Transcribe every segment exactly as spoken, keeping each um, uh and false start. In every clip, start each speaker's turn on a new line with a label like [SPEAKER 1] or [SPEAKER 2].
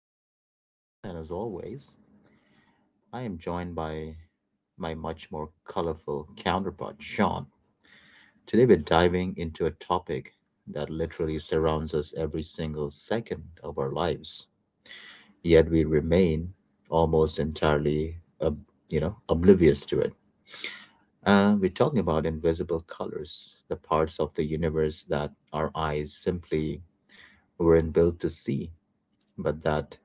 [SPEAKER 1] your host, Brian, and as always, I am joined by my much more colorful counterpart, Sean. Today, we're diving into a topic that literally surrounds us every single second of our lives, yet we remain almost entirely, ob- you know, oblivious to it. Uh, we're talking about invisible colors, the parts of the universe that our eyes simply weren't built to see, but that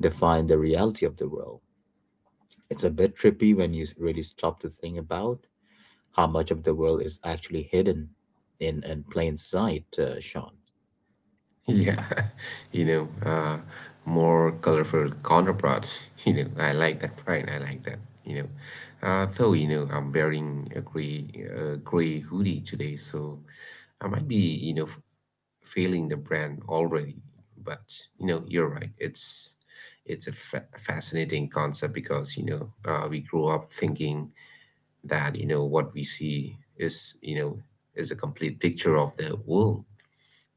[SPEAKER 1] define the reality of the world. It's a bit trippy when you really stop to think about how much of the world is actually hidden in, in plain sight, uh, Sean.
[SPEAKER 2] Yeah, you know, uh, more colorful counterparts. You know, I like that. Fine, I like that. You know, uh, though you know, I'm wearing a gray, uh, gray hoodie today, so I might be, you know, f- failing the brand already. But you know, you're right. It's it's a fa- fascinating concept because you know uh, we grew up thinking that you know what we see is, you know, is a complete picture of the world.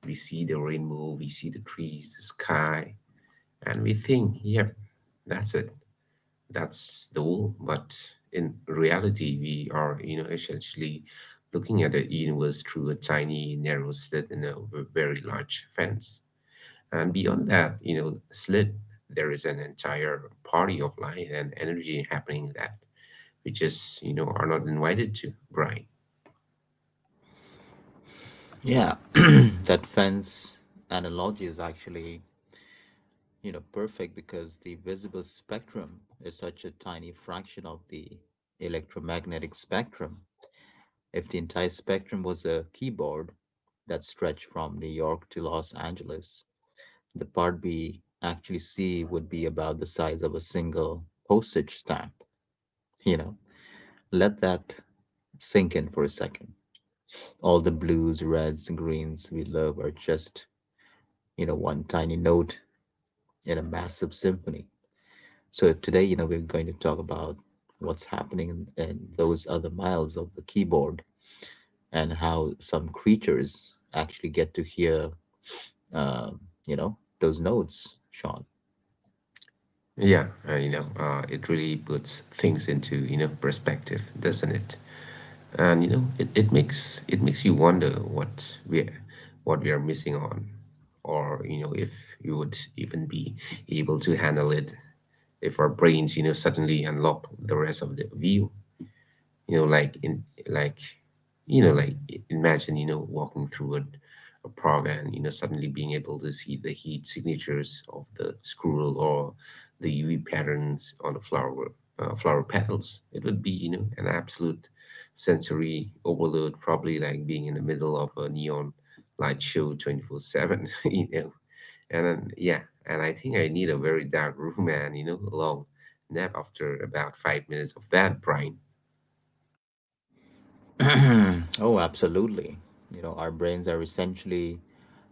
[SPEAKER 2] We see the rainbow, we see the trees, the sky, and we think, yep, that's it, that's the whole. But in reality, we are, you know, essentially looking at the universe through a tiny, narrow slit in a v- very large fence. And beyond that, you know, slit, there is an entire party of light and energy happening that we just, you know, are not invited to, right?
[SPEAKER 1] Yeah, that fence analogy is actually, you know, perfect because the visible spectrum is such a tiny fraction of the electromagnetic spectrum. If the entire spectrum was a keyboard that stretched from New York to Los Angeles, the part B, actually C, would be about the size of a single postage stamp. You know, let that sink in for a second. All the blues, reds, and greens we love are just, you know, one tiny note in a massive symphony. So today, you know, we're going to talk about what's happening in, in those other miles of the keyboard and how some creatures actually get to hear, um, you know, those notes, Sean.
[SPEAKER 2] Yeah, uh, you know, uh, it really puts things into, you know, perspective, doesn't it? And you know it, it makes it makes you wonder what we what we are missing on, or you know, if we would even be able to handle it if our brains, you know, suddenly unlock the rest of the view. You know like in like you know like I- Imagine, you know, walking through a, a park and, you know, suddenly being able to see the heat signatures of the squirrel or the UV patterns on the flower uh, flower petals. It would be, you know, an absolute sensory overload, probably like being in the middle of a neon light show twenty-four seven. you know and then, yeah, and I think I need a very dark room and, you know, a long nap after about five minutes of that, Brian.
[SPEAKER 1] Oh, absolutely. You know, our brains are essentially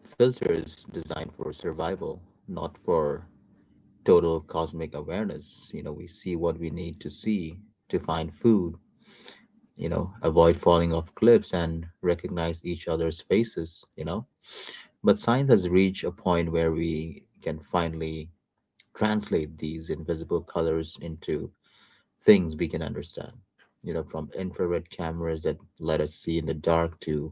[SPEAKER 1] filters designed for survival, not for total cosmic awareness. You know, we see what we need to see to find food, you know, avoid falling off cliffs and recognize each other's faces, you know. But science has reached a point where we can finally translate these invisible colors into things we can understand. You know, from infrared cameras that let us see in the dark to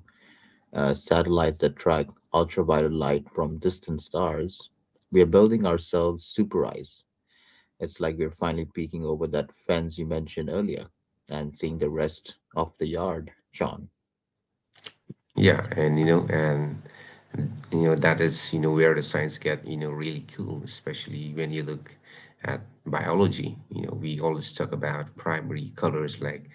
[SPEAKER 1] uh, satellites that track ultraviolet light from distant stars. We are building ourselves super eyes. It's like we're finally peeking over that fence you mentioned earlier and seeing the rest of the yard, Sean.
[SPEAKER 2] Yeah, and you know, and you know, that is, you know, where the science get, you know, really cool, especially when you look at biology. You know, we always talk about primary colors like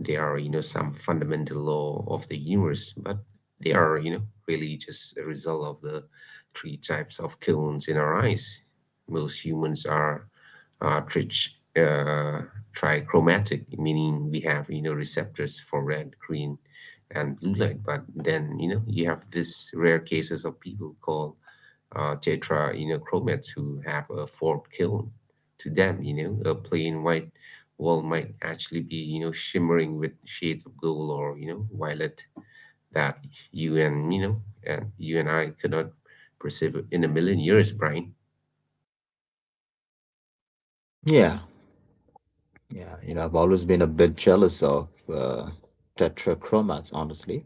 [SPEAKER 2] they are, you know, some fundamental law of the universe, but they are, you know, really just a result of the three types of cones in our eyes. Most humans are uh, trich, uh, trichromatic, meaning we have, you know, receptors for red, green, and blue light. But then, you know, you have this rare cases of people called uh, tetra, you know, chromats who have a forked kiln. To them, you know, a plain white wall might actually be, you know, shimmering with shades of gold or, you know, violet that you and, you know, and you and I could not perceive in a million years, Brian.
[SPEAKER 1] Yeah, yeah. You know, I've always been a bit jealous of uh, tetrachromats, honestly.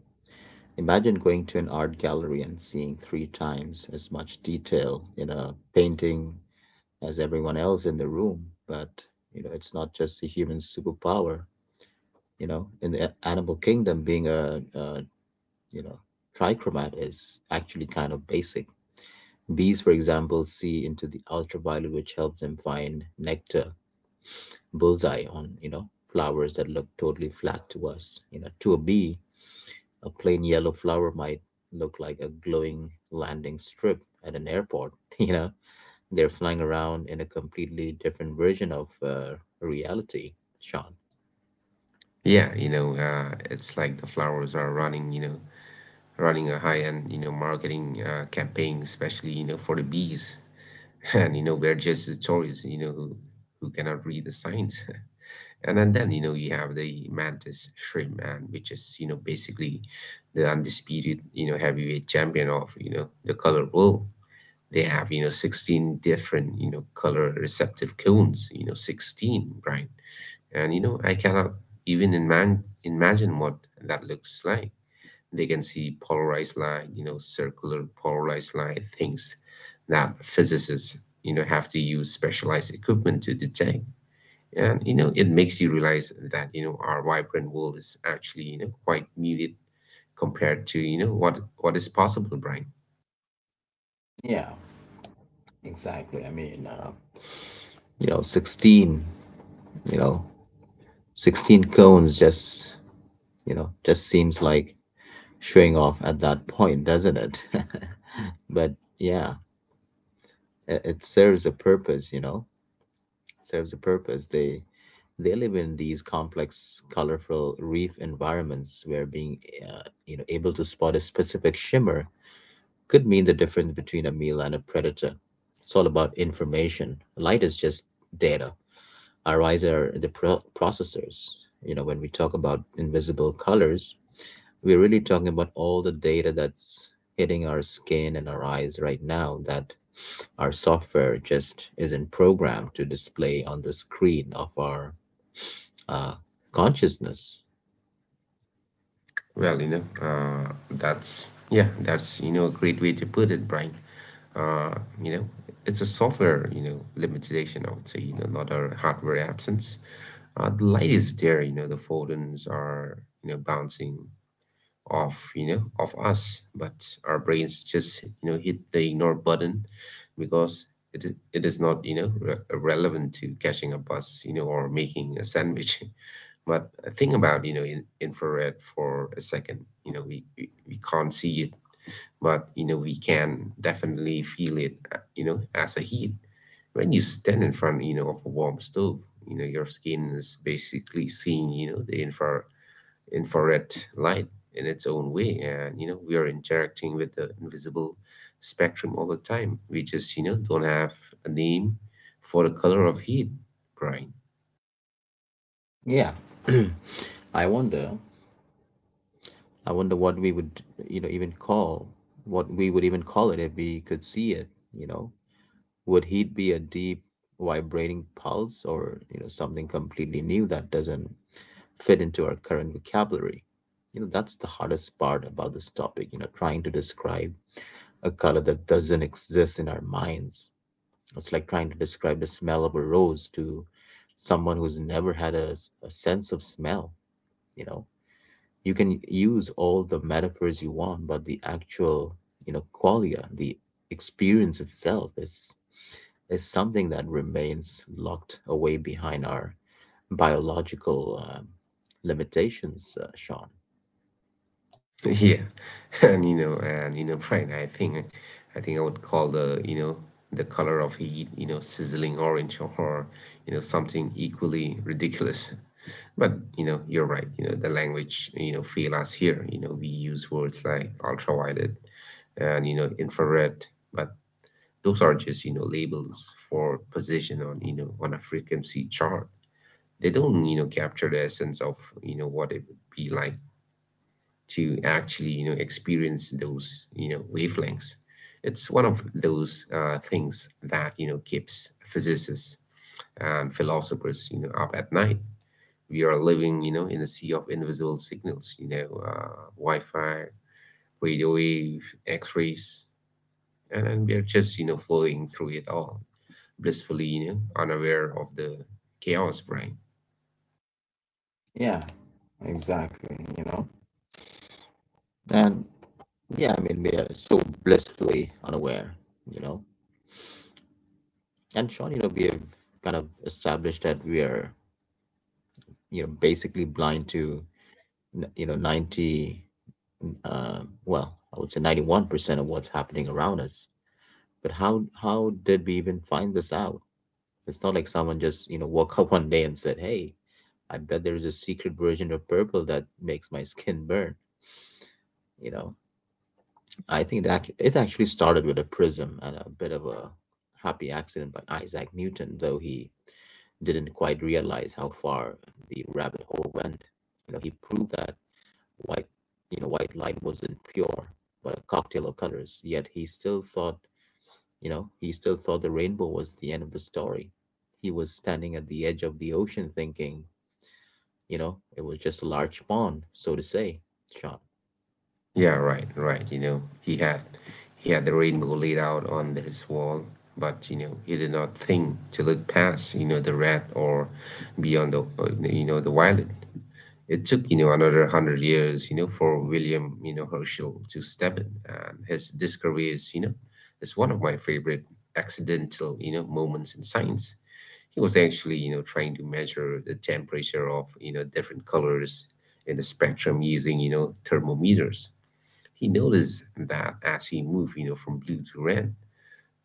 [SPEAKER 1] Imagine going to an art gallery and seeing three times as much detail in a painting as everyone else in the room. But, you know, it's not just a human superpower, you know in the a- animal kingdom, being a, a you know trichromat is actually kind of basic. Bees, for example, see into the ultraviolet, which helps them find nectar bullseye on, you know, flowers that look totally flat to us. You know, to a bee a plain yellow flower might look like a glowing landing strip at an airport. You know, they're flying around in a completely different version of uh, reality, Sean.
[SPEAKER 2] Yeah, you know, uh, it's like the flowers are running, you know, running a high-end, you know, marketing uh, campaign, especially, you know, for the bees. And you know, we're just the tourists, you know, who, who cannot read the signs. And, and then you know, you have the mantis shrimp man, which is, you know, basically the undisputed, you know, heavyweight champion of, you know, the color world. They have, you know, sixteen different, you know, color receptive cones. You know, sixteen, Brian. And you know, I cannot even imagine imagine what that looks like. They can see polarized line, you know, circular polarized line, things that physicists, you know, have to use specialized equipment to detect. And, you know, it makes you realize that, you know, our vibrant world is actually, you know, quite muted compared to, you know, what what is possible, Brian.
[SPEAKER 1] Exactly. I mean, uh, you know, sixteen, you know, sixteen cones just, you know, just seems like showing off at that point, doesn't it? But yeah, it, it serves a purpose, you know, serves a purpose. They they live in these complex, colorful reef environments where being, uh, you know, able to spot a specific shimmer could mean the difference between a meal and a predator. It's all about information. Light is just data. Eyes are the pro- processors. You know, when we talk about invisible colors, we're really talking about all the data that's hitting our skin and our eyes right now that our software just isn't programmed to display on the screen of our uh, consciousness.
[SPEAKER 2] Well, you know, uh, that's yeah, that's, you know, a great way to put it, Brian. Uh, you know, it's a software, you know, limitation. I would say, you know, not a hardware absence. Uh, the light is there. You know, the photons are, you know, bouncing off you know off us, but our brains just, you know, hit the ignore button because it i- it is not, you know, re- relevant to catching a bus, you know, or making a sandwich. But think about, you know, in infrared for a second. You know, we, we, we can't see it, but, you know, we can definitely feel it, uh, you know, as a heat. When you stand in front, you know, of a warm stove, you know, your skin is basically seeing, you know, the infra infrared light in its own way. And, you know, we are interacting with the invisible spectrum all the time. We just, you know, don't have a name for the color of heat, Brian.
[SPEAKER 1] Yeah. I wonder. I wonder what we would, you know, even call what we would even call it if we could see it. You know, would heat be a deep vibrating pulse or you know something completely new that doesn't fit into our current vocabulary? You know, that's the hardest part about this topic, you know, trying to describe a color that doesn't exist in our minds. It's like trying to describe the smell of a rose to someone who's never had a, s- a sense of smell. You know, you can use all the metaphors you want, but the actual, you know, qualia, the experience itself, is is something that remains locked away behind our biological um, limitations, uh, Sean.
[SPEAKER 2] Yeah, and you know, and you know, Brian, I think, I think I would call the, you know, the color of heat, you know, sizzling orange or, you know, something equally ridiculous. But you know, you're right. You know, the language, you know, fail us here. You know, we use words like ultraviolet and, you know, infrared, but those are just, you know, labels for position on, you know, on a frequency chart. They don't, you know, capture the essence of, you know, what it would be like to actually, you know, experience those, you know, wavelengths. It's one of those uh, things that, you know, keeps physicists and philosophers, you know, up at night. We are living, you know, in a sea of invisible signals, you know, uh, Wi-Fi, radio wave, X-rays, and, and we're just, you know, flowing through it all, blissfully, you know, unaware of the chaos, brain
[SPEAKER 1] Yeah, exactly, you know. And yeah, I mean, we are so blissfully unaware, you know. And Sean, you know, we have kind of established that we are, you know, basically blind to, n- you know, ninety, uh, well, I would say ninety-one percent of what's happening around us. But how how did we even find this out? It's not like someone just, you know, woke up one day and said, "Hey, I bet there is a secret version of purple that makes my skin burn." You know, I think that it actually started with a prism and a bit of a happy accident by Isaac Newton, though he didn't quite realize how far the rabbit hole went. You know, he proved that white, you know, white light wasn't pure, but a cocktail of colors. Yet he still thought, you know, he still thought the rainbow was the end of the story. He was standing at the edge of the ocean thinking, you know, it was just a large pond, so to say, Sean.
[SPEAKER 2] Yeah, right, right. You know, he had he had the rainbow laid out on his wall, but you know, he did not think to look past, you know, the red or beyond the uh, you know, the violet. It took, you know, another hundred years, you know, for William, you know, Herschel to step in. And his discovery is, you know, is one of my favorite accidental, you know, moments in science. He was actually, you know, trying to measure the temperature of, you know, different colors in the spectrum using, you know, thermometers. He noticed that as he moved, you know, from blue to red,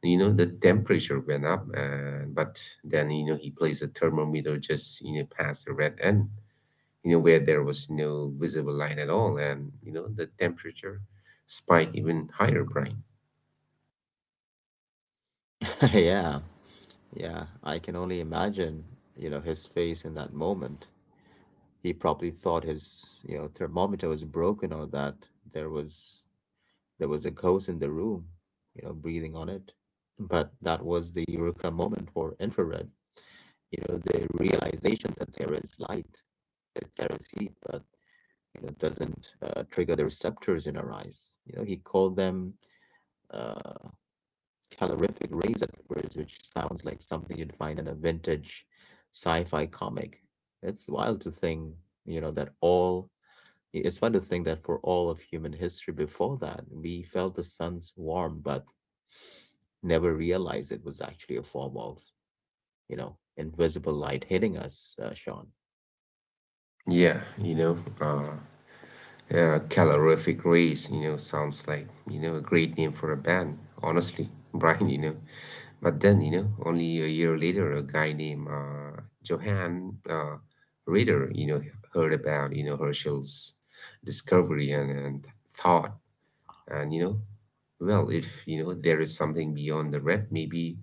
[SPEAKER 2] you know, the temperature went up. Uh, but then, you know, he placed a thermometer just, you know, past the red end, you know, where there was no visible light at all, and you know, the temperature spiked even higher, Brian.
[SPEAKER 1] Yeah, yeah, I can only imagine, you know, his face in that moment. He probably thought his, you know, thermometer was broken or that there was there was a ghost in the room, you know, breathing on it. But that was the eureka moment for infrared, you know, the realization that there is light that carries heat, but you know, doesn't uh, trigger the receptors in our eyes. You know, he called them Uh, calorific rays at first, which sounds like something you'd find in a vintage sci-fi comic. It's wild to think, you know, that all it's fun to think that for all of human history before that, we felt the sun's warm, but never realized it was actually a form of, you know, invisible light hitting us, uh, Sean.
[SPEAKER 2] Yeah, you know, uh, uh, calorific race. You know, sounds like, you know, a great name for a band, honestly. Brian, you know. But then, you know, only a year later, a guy named uh, Johann uh, Rader, you know, heard about, you know, Herschel's discovery and, and thought, and, you know, well, if, you know, there is something beyond the red, maybe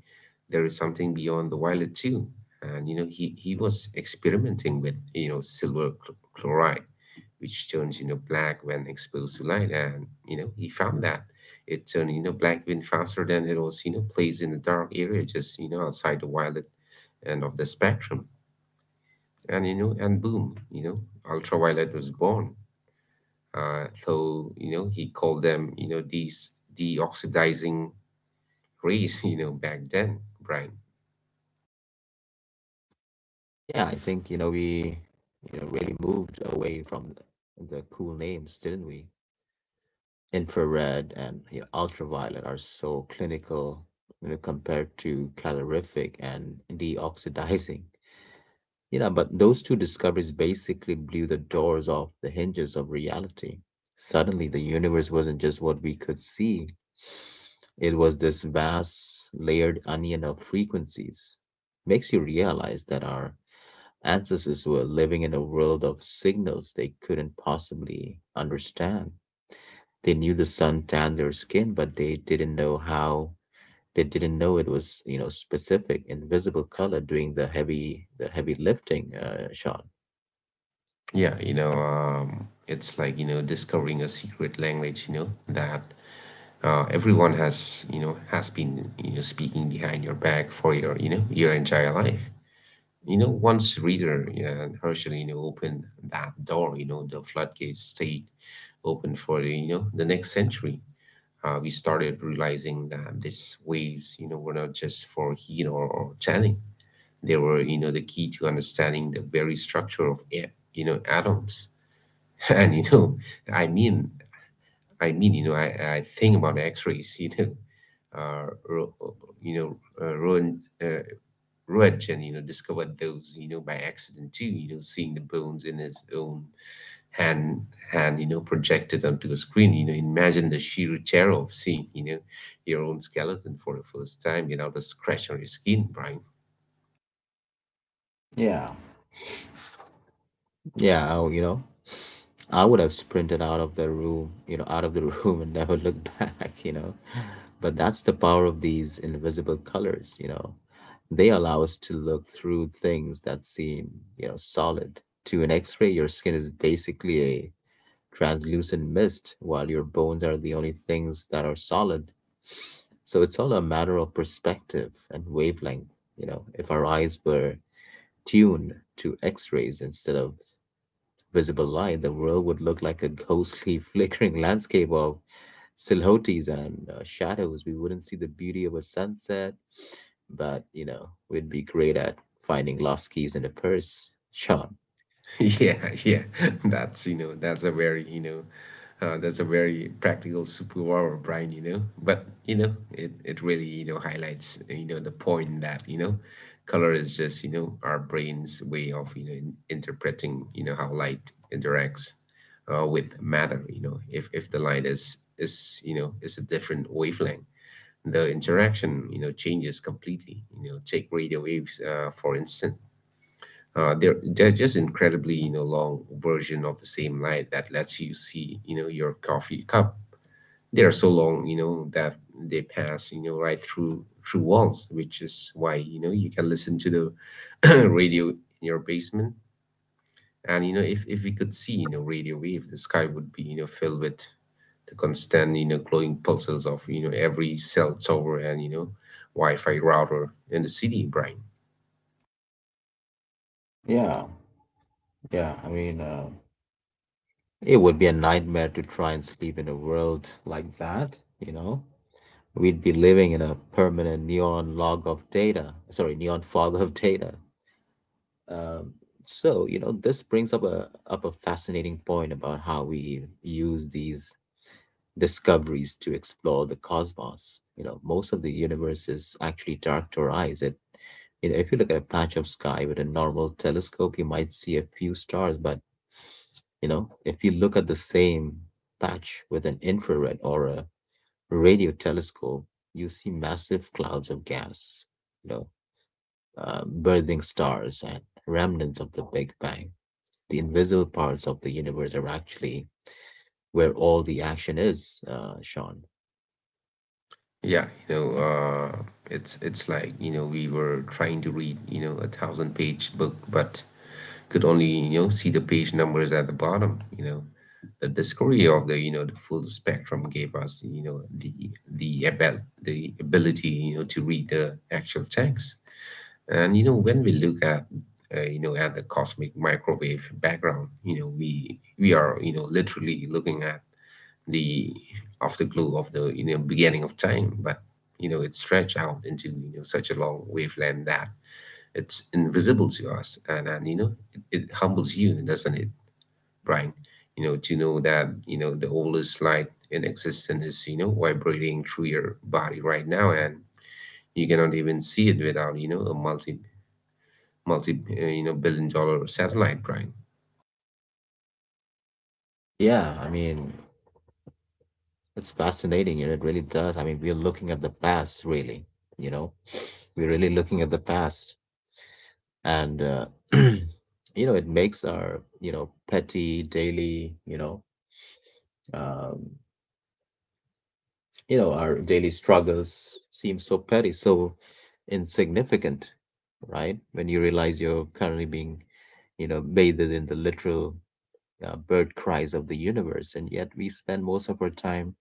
[SPEAKER 2] there is something beyond the violet too. And, you know, he, he was experimenting with, you know, silver cl- chloride, which turns, you know, black when exposed to light. And, you know, he found that it turned, you know, black even faster than it was, you know, placed in the dark area, just, you know, outside the violet end of the spectrum. And, you know, and boom, you know, ultraviolet was born. Uh, though you know, he called them, you know, these deoxidizing rays. You know, back then, Brian.
[SPEAKER 1] Yeah, I think, you know, we, you know, really moved away from the cool names, didn't we? Infrared and, you know, ultraviolet are so clinical, you know, compared to calorific and deoxidizing. You know, but those two discoveries basically blew the doors off the hinges of reality. Suddenly, the universe wasn't just what we could see, it was this vast, layered onion of frequencies. Makes you realize that our ancestors were living in a world of signals they couldn't possibly understand. They knew the sun tanned their skin, but they didn't know how. They didn't know it was, you know, specific, invisible color doing the heavy, the heavy lifting, uh, Sean.
[SPEAKER 2] Yeah, you know, um, it's like, you know, discovering a secret language, you know, that uh, everyone has, you know, has been, you know, speaking behind your back for your, you know, your entire life. You know, once Reader and Herschel, you know, opened that door, you know, the floodgates stayed open for the, you know, the next century. Uh, we started realizing that these waves, you know, were not just for heat or, or tanning. They were, you know, the key to understanding the very structure of air, you know, atoms. And you know, I mean, I mean, you know, I, I think about X-rays. You know, uh, Ro- you know, uh, Roentgen, uh, Roentgen, you know, discovered those, you know, by accident too, you know, seeing the bones in his own hand hand, you know, projected onto a screen. You know, imagine the sheer terror of seeing, you know, your own skeleton for the first time without a scratch on your skin, Brian.
[SPEAKER 1] Yeah. Yeah, I, you know, I would have sprinted out of the room, you know, out of the room and never looked back, you know. But that's the power of these invisible colors, you know. They allow us to look through things that seem, you know, solid. To an X-ray, your skin is basically translucent mist, while your bones are the only things that are solid. So it's all a matter of perspective and wavelength. You know, if our eyes were tuned to X rays instead of visible light, the world would look like a ghostly, flickering landscape of silhouettes and uh, shadows. We wouldn't see the beauty of a sunset, but you know, we'd be great at finding lost keys in a purse, Sean.
[SPEAKER 2] Yeah, yeah, that's, you know, that's a very, you know, uh, that's a very practical superpower, Brian. You know, but you know, it it really, you know, highlights, you know, the point that, you know, color is just, you know, our brain's way of, you know, in- interpreting, you know, how light interacts uh, with matter. You know, if if the light is is, you know, is a different wavelength, the interaction, you know, changes completely. You know, take radio waves uh, for instance, uh, they're, they're just incredibly, you know, long version of the same light that lets you see, you know, your coffee cup. They are so long, you know, that they pass, you know, right through through walls, which is why, you know, you can listen to the radio in your basement. And you know, if if we could see, you know, radio wave, the sky would be, you know, filled with the constant, you know, glowing pulses of, you know, every cell tower and, you know, Wi-Fi router in the city, Brian.
[SPEAKER 1] Yeah, yeah. I mean, uh, it would be a nightmare to try and sleep in a world like that, you know? We'd be living in a permanent neon log of data, sorry, neon fog of data. Um, so, you know, this brings up a up a fascinating point about how we use these discoveries to explore the cosmos. You know, most of the universe is actually dark to our eyes. It, you know, if you look at a patch of sky with a normal telescope, you might see a few stars, but you know, if you look at the same patch with an infrared or a radio telescope, you see massive clouds of gas, you know, uh, birthing stars and remnants of the Big Bang. The invisible parts of the universe are actually where all the action is, uh, Sean.
[SPEAKER 2] Yeah, you know, uh, it's it's like, you know, we were trying to read, you know, a thousand page book, but could only, you know, see the page numbers at the bottom, you know. The discovery of the, you know, the full spectrum gave us, you know, the the abil the ability, you know, to read the actual text. And you know, when we look at, uh, you know, at the cosmic microwave background, you know, we we are, you know, literally looking at the afterglow of the you know beginning of time, but you know it stretched out into you know such a long wavelength that it's invisible to us, and and you know it, it humbles you, doesn't it, Brian? You know to know that you know the oldest light in existence is you know vibrating through your body right now, and you cannot even see it without you know a multi multi uh, you know billion dollar satellite, Brian.
[SPEAKER 1] Yeah, I mean, it's fascinating, you know, it really does. I mean, we're looking at the past, really, you know, we're really looking at the past and uh, you know it makes our you know petty daily you know um, you know our daily struggles seem so petty so insignificant right when you realize you're currently being you know bathed in the literal uh, bird cries of the universe, and yet we spend most of our time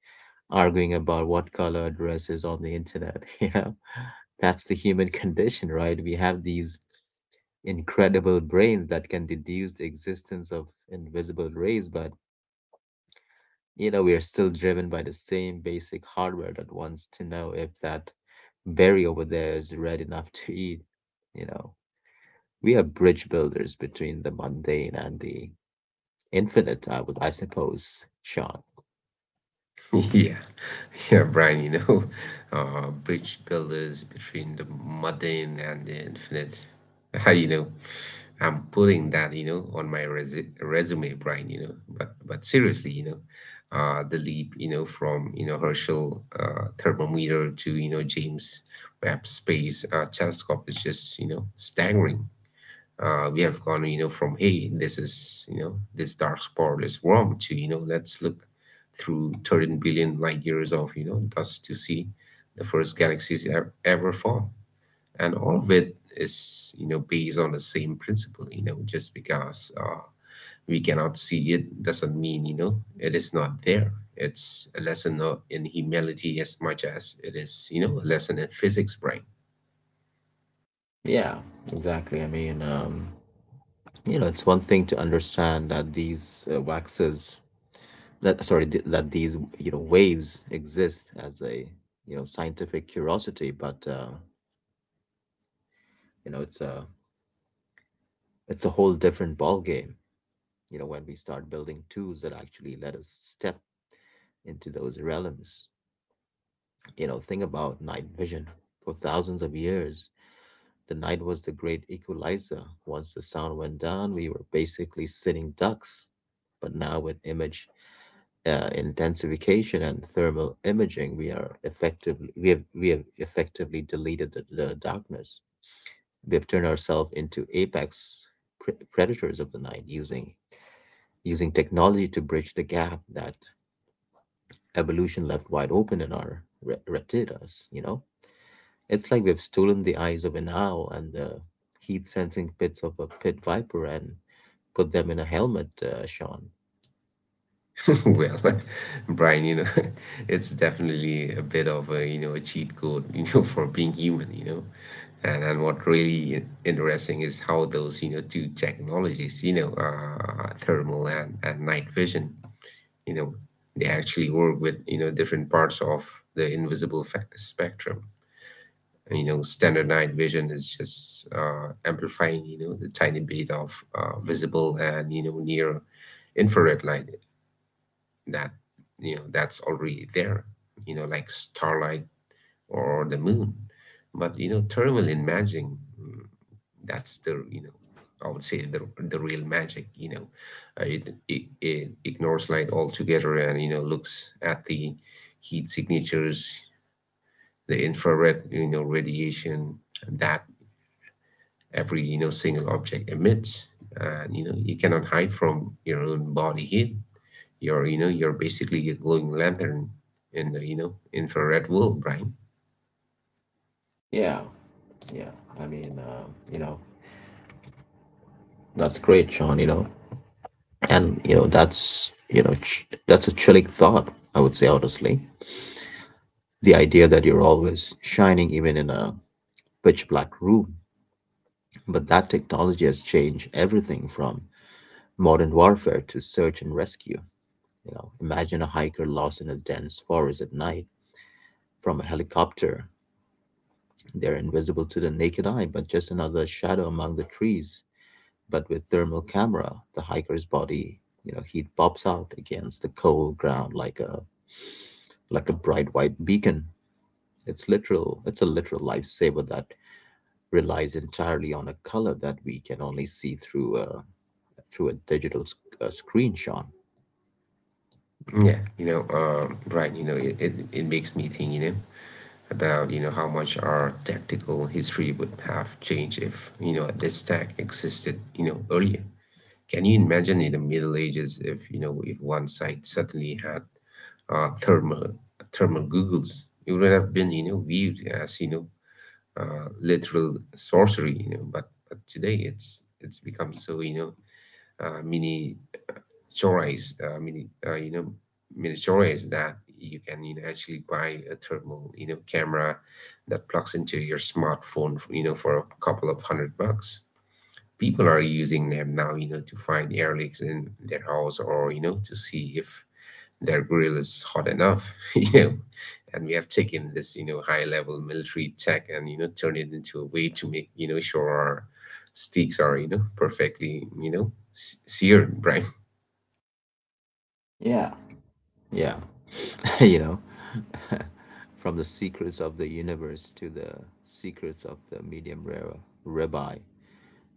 [SPEAKER 1] arguing about what color dress is on the internet. You know, that's the human condition, right? We have these incredible brains that can deduce the existence of invisible rays, but you know, we are still driven by the same basic hardware that wants to know if that berry over there is red enough to eat. You know, we are bridge builders between the mundane and the infinite, I would, I suppose, Sean.
[SPEAKER 2] Yeah, yeah, Brian, you know, uh, bridge builders between the mundane and the infinite. you know, I'm putting that, you know, on my resu- resume, Brian, you know, but but seriously, you know, uh, the leap, you know, from, you know, Herschel uh, thermometer to, you know, James Webb Space uh, Telescope is just, you know, staggering. Uh, we have gone you know from hey this is you know this dark spot is warm to you know let's look through thirteen billion light years of you know dust to see the first galaxies ever, ever formed. And all of it is you know based on the same principle. You know just because uh, we cannot see it doesn't mean you know it is not there. It's a lesson uh, in humility as much as it is you know a lesson in physics, brain.
[SPEAKER 1] Yeah, exactly. I mean, um, you know, it's one thing to understand that these uh, waxes, that sorry, th- that these you know waves exist as a you know scientific curiosity, but uh, you know it's a it's a whole different ball game. You know, when we start building tools that actually let us step into those realms. You know, think about night vision. For thousands of years, the night was the great equalizer. Once the sound went down, we were basically sitting ducks. But now with image uh, intensification and thermal imaging, we are effectively we have we have effectively deleted the, the darkness. We have turned ourselves into apex pre- predators of the night, using using technology to bridge the gap that evolution left wide open in our re- retinas. You know, it's like we've stolen the eyes of an owl and the heat sensing pits of a pit viper and put them in a helmet, uh, Sean.
[SPEAKER 2] Well, Brian, you know, it's definitely a bit of a, you know, a cheat code, you know, for being human, you know. And and what really i- interesting is how those, you know, two technologies, you know, uh, thermal and, and night vision, you know, they actually work with, you know, different parts of the invisible fa- spectrum. You know, standard night vision is just uh, amplifying, you know, the tiny bit of uh, visible and, you know, near infrared light that you know that's already there, you know like starlight or the moon. But you know thermal imaging, mm, that's the, you know I would say, the, the real magic. you know uh, it, it it ignores light altogether, and you know looks at the heat signatures, the infrared, you know radiation that every you know single object emits. And you know you cannot hide from your own body heat. You're, you know, you're basically a glowing lantern in the, you know, infrared world, Brian.
[SPEAKER 1] Yeah, yeah. I mean, um, you know, that's great, Sean. You know, and you know that's you know ch- that's a chilling thought, I would say honestly. The idea that you're always shining even in a pitch black room, but that technology has changed everything from modern warfare to search and rescue. You know, imagine a hiker lost in a dense forest at night. From a helicopter, they're invisible to the naked eye, but just another shadow among the trees. But with thermal camera, the hiker's body you know heat pops out against the cold ground like a like a bright white beacon. It's literal. It's a literal lifesaver that relies entirely on a color that we can only see through a through a digital sc- uh, screenshot.
[SPEAKER 2] Yeah, you know, um, Brian, you know, it, it, it makes me think, you know, about, you know, how much our tactical history would have changed if, you know, this tech existed, you know, earlier. Can you imagine in the Middle Ages if, you know, if one side suddenly had uh, thermal, thermal googles? It would have been, you know, viewed as, you know, uh, literal sorcery, you know, but, but today it's, it's become so, you know, uh, mini chores, uh, mini uh, you know mini chores that you can you know actually buy a thermal you know camera that plugs into your smartphone you know for a couple of hundred bucks. People are using them now you know to find air leaks in their house or you know to see if their grill is hot enough. You know and we have taken this you know high level military tech and you know turned it into a way to make you know sure our steaks are you know perfectly you know s- seared, right?
[SPEAKER 1] Yeah, yeah, you know, from the secrets of the universe to the secrets of the medium rare rabbi.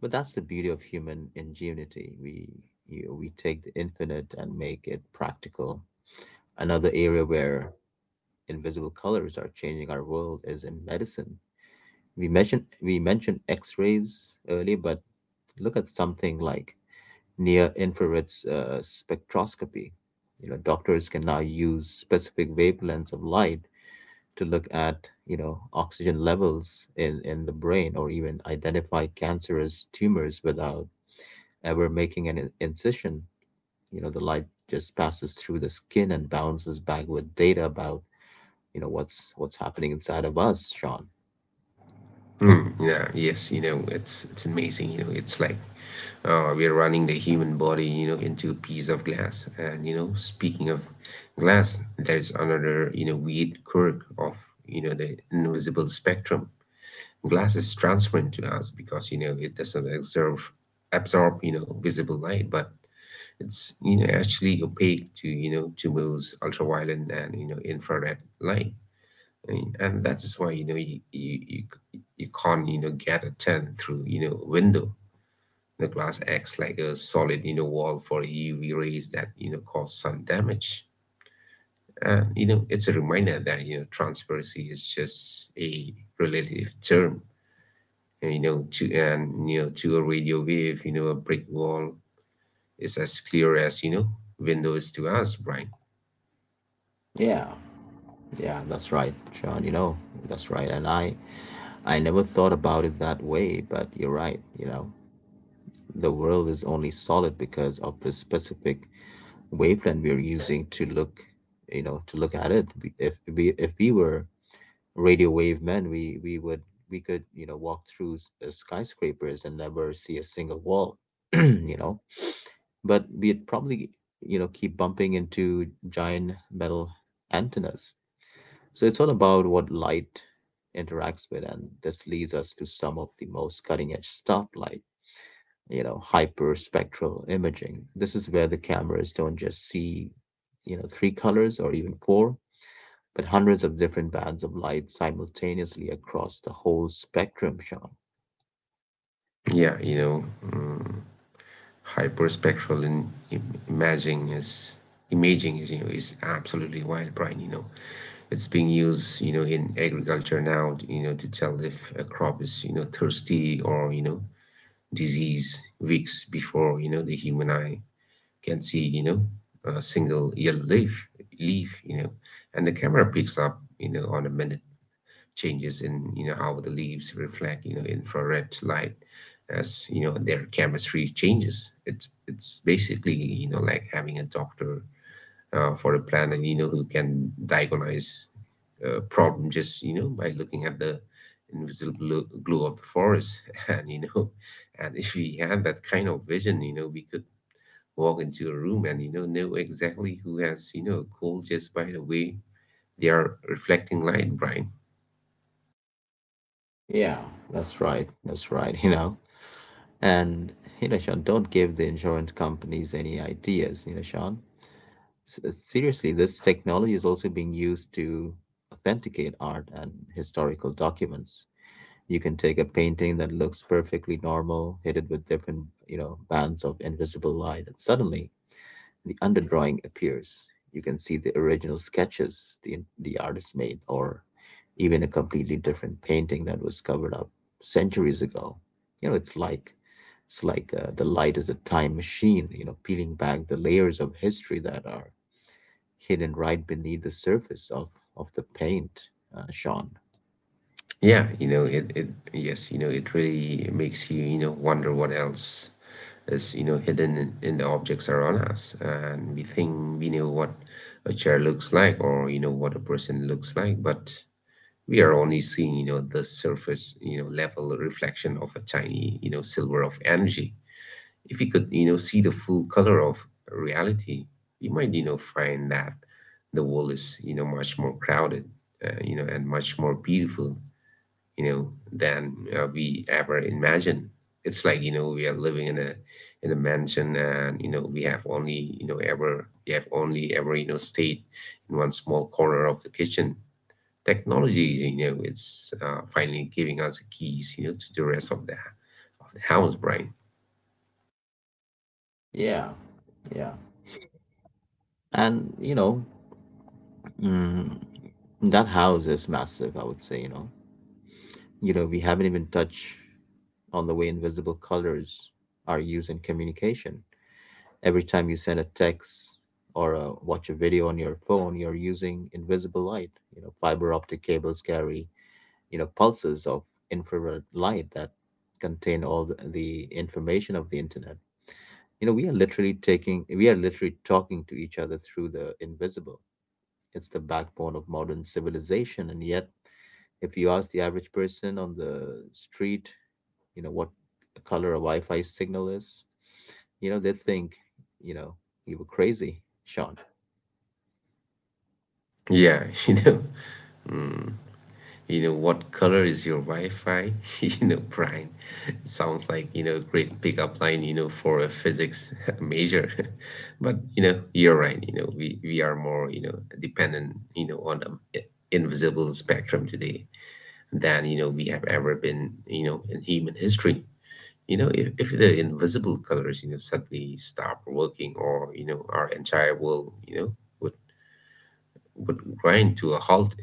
[SPEAKER 1] But that's the beauty of human ingenuity. We you we take the infinite and make it practical. Another area where invisible colors are changing our world is in medicine. We mentioned we mentioned X-rays earlier, but look at something like near infrared uh, spectroscopy. You know, doctors can now use specific wavelengths of light to look at you know oxygen levels in in the brain, or even identify cancerous tumors without ever making an in- incision. You know, the light just passes through the skin and bounces back with data about you know what's what's happening inside of us, Sean.
[SPEAKER 2] Mm, yeah, yes, you know, it's it's amazing. You know, it's like uh, we are running the human body, you know, into a piece of glass. And you know, speaking of glass, there is another, you know, weird quirk of you know the invisible spectrum. Glass is transparent to us because you know it doesn't absorb absorb you know visible light, but it's you know actually opaque to you know to most ultraviolet and you know infrared light. Mean, and that is why you know you you you, c- you can't you know get a tent through you know window. The glass acts like a solid you know wall for U V rays that you know cause sun damage. And you know It's a reminder that you know transparency is just a relative term. And, you know to and you know to a radio wave, you know a brick wall is as clear as you know window is to us, Brian.
[SPEAKER 1] Yeah, yeah, that's right, John. You know, that's right. And I, I never thought about it that way, but you're right. You know, the world is only solid because of the specific wavelength we're using to look, you know, to look at it. We- If we if we were radio wave men, we we would we could you know walk through s- uh, skyscrapers and never see a single wall. You know, but we'd probably you know keep bumping into giant metal antennas. So it's all about what light interacts with, and this leads us to some of the most cutting edge stuff like you know hyperspectral imaging. This is where the cameras don't just see you know three colors or even four, but hundreds of different bands of light simultaneously across the whole spectrum, Sean.
[SPEAKER 2] Yeah, you know. mm, hyperspectral in, im- imaging is imaging is you know is absolutely wild, brian. You know it's being used, you know in agriculture now, you know to tell if a crop is, you know thirsty or you know disease weeks before you know the human eye can see, you know a single yellow leaf leaf you know And the camera picks up, you know on a minute changes in you know how the leaves reflect you know infrared light as you know their chemistry changes. It's it's basically you know like having a doctor uh, for a planet you know who can diagnose a problem just you know by looking at the invisible glu- glue of the forest. and you know And if we had that kind of vision, you know we could walk into a room and you know know exactly who has, you know a cold just by the way they are reflecting light, brian.
[SPEAKER 1] Yeah, that's right. That's right, you know. And, you know, Sean, don't give the insurance companies any ideas, you know, Sean. S- seriously, this technology is also being used to authenticate art and historical documents. You can take a painting that looks perfectly normal, hit it with different, you know, bands of invisible light, and suddenly the underdrawing appears. You can see the original sketches the, the artist made, or even a completely different painting that was covered up centuries ago. You know, it's like it's like uh, the light is a time machine. You know, peeling back the layers of history that are hidden right beneath the surface of of the paint, uh, Sean.
[SPEAKER 2] Yeah, you know, it, it yes, you know, it really makes you, you know, wonder what else is, you know, hidden in, in the objects around us. And we think we know what a chair looks like or, you know, what a person looks like, but we are only seeing, you know, the surface, you know, level reflection of a tiny, you know, silver of energy. If we could, you know, see the full color of reality, we might, you know, find that the world is, you know, much more crowded, uh, you know, and much more beautiful, you know, than uh, we ever imagined. It's like you know we are living in a in a mansion, and you know we have only you know ever we have only ever you know stayed in one small corner of the kitchen. Technology, you know, it's uh, finally giving us the keys, you know, to the rest of the of the house, Brian.
[SPEAKER 1] Yeah, yeah. And you know, mm, that house is massive. I would say, you know, you know, we haven't even touched on the way invisible colors are used in communication. Every time you send a text or uh, watch a video on your phone, you're using invisible light. You know, fiber optic cables carry, you know, pulses of infrared light that contain all the, the information of the internet. You know, we are literally taking, we are literally talking to each other through the invisible. It's the backbone of modern civilization, and yet if you ask the average person on the street you know, what color a Wi-Fi signal is, you know, they think, you know, you were crazy, Sean.
[SPEAKER 2] Yeah, you know, you know what color is your wi-fi, you know brian? It sounds like you know a great pickup line, you know for a physics major. But you know you're right. you know we, we are more you know dependent you know on the invisible spectrum today than you know we have ever been you know in human history. you know if, if the invisible colors you know suddenly stop working, or you know our entire world you know would would grind to a halt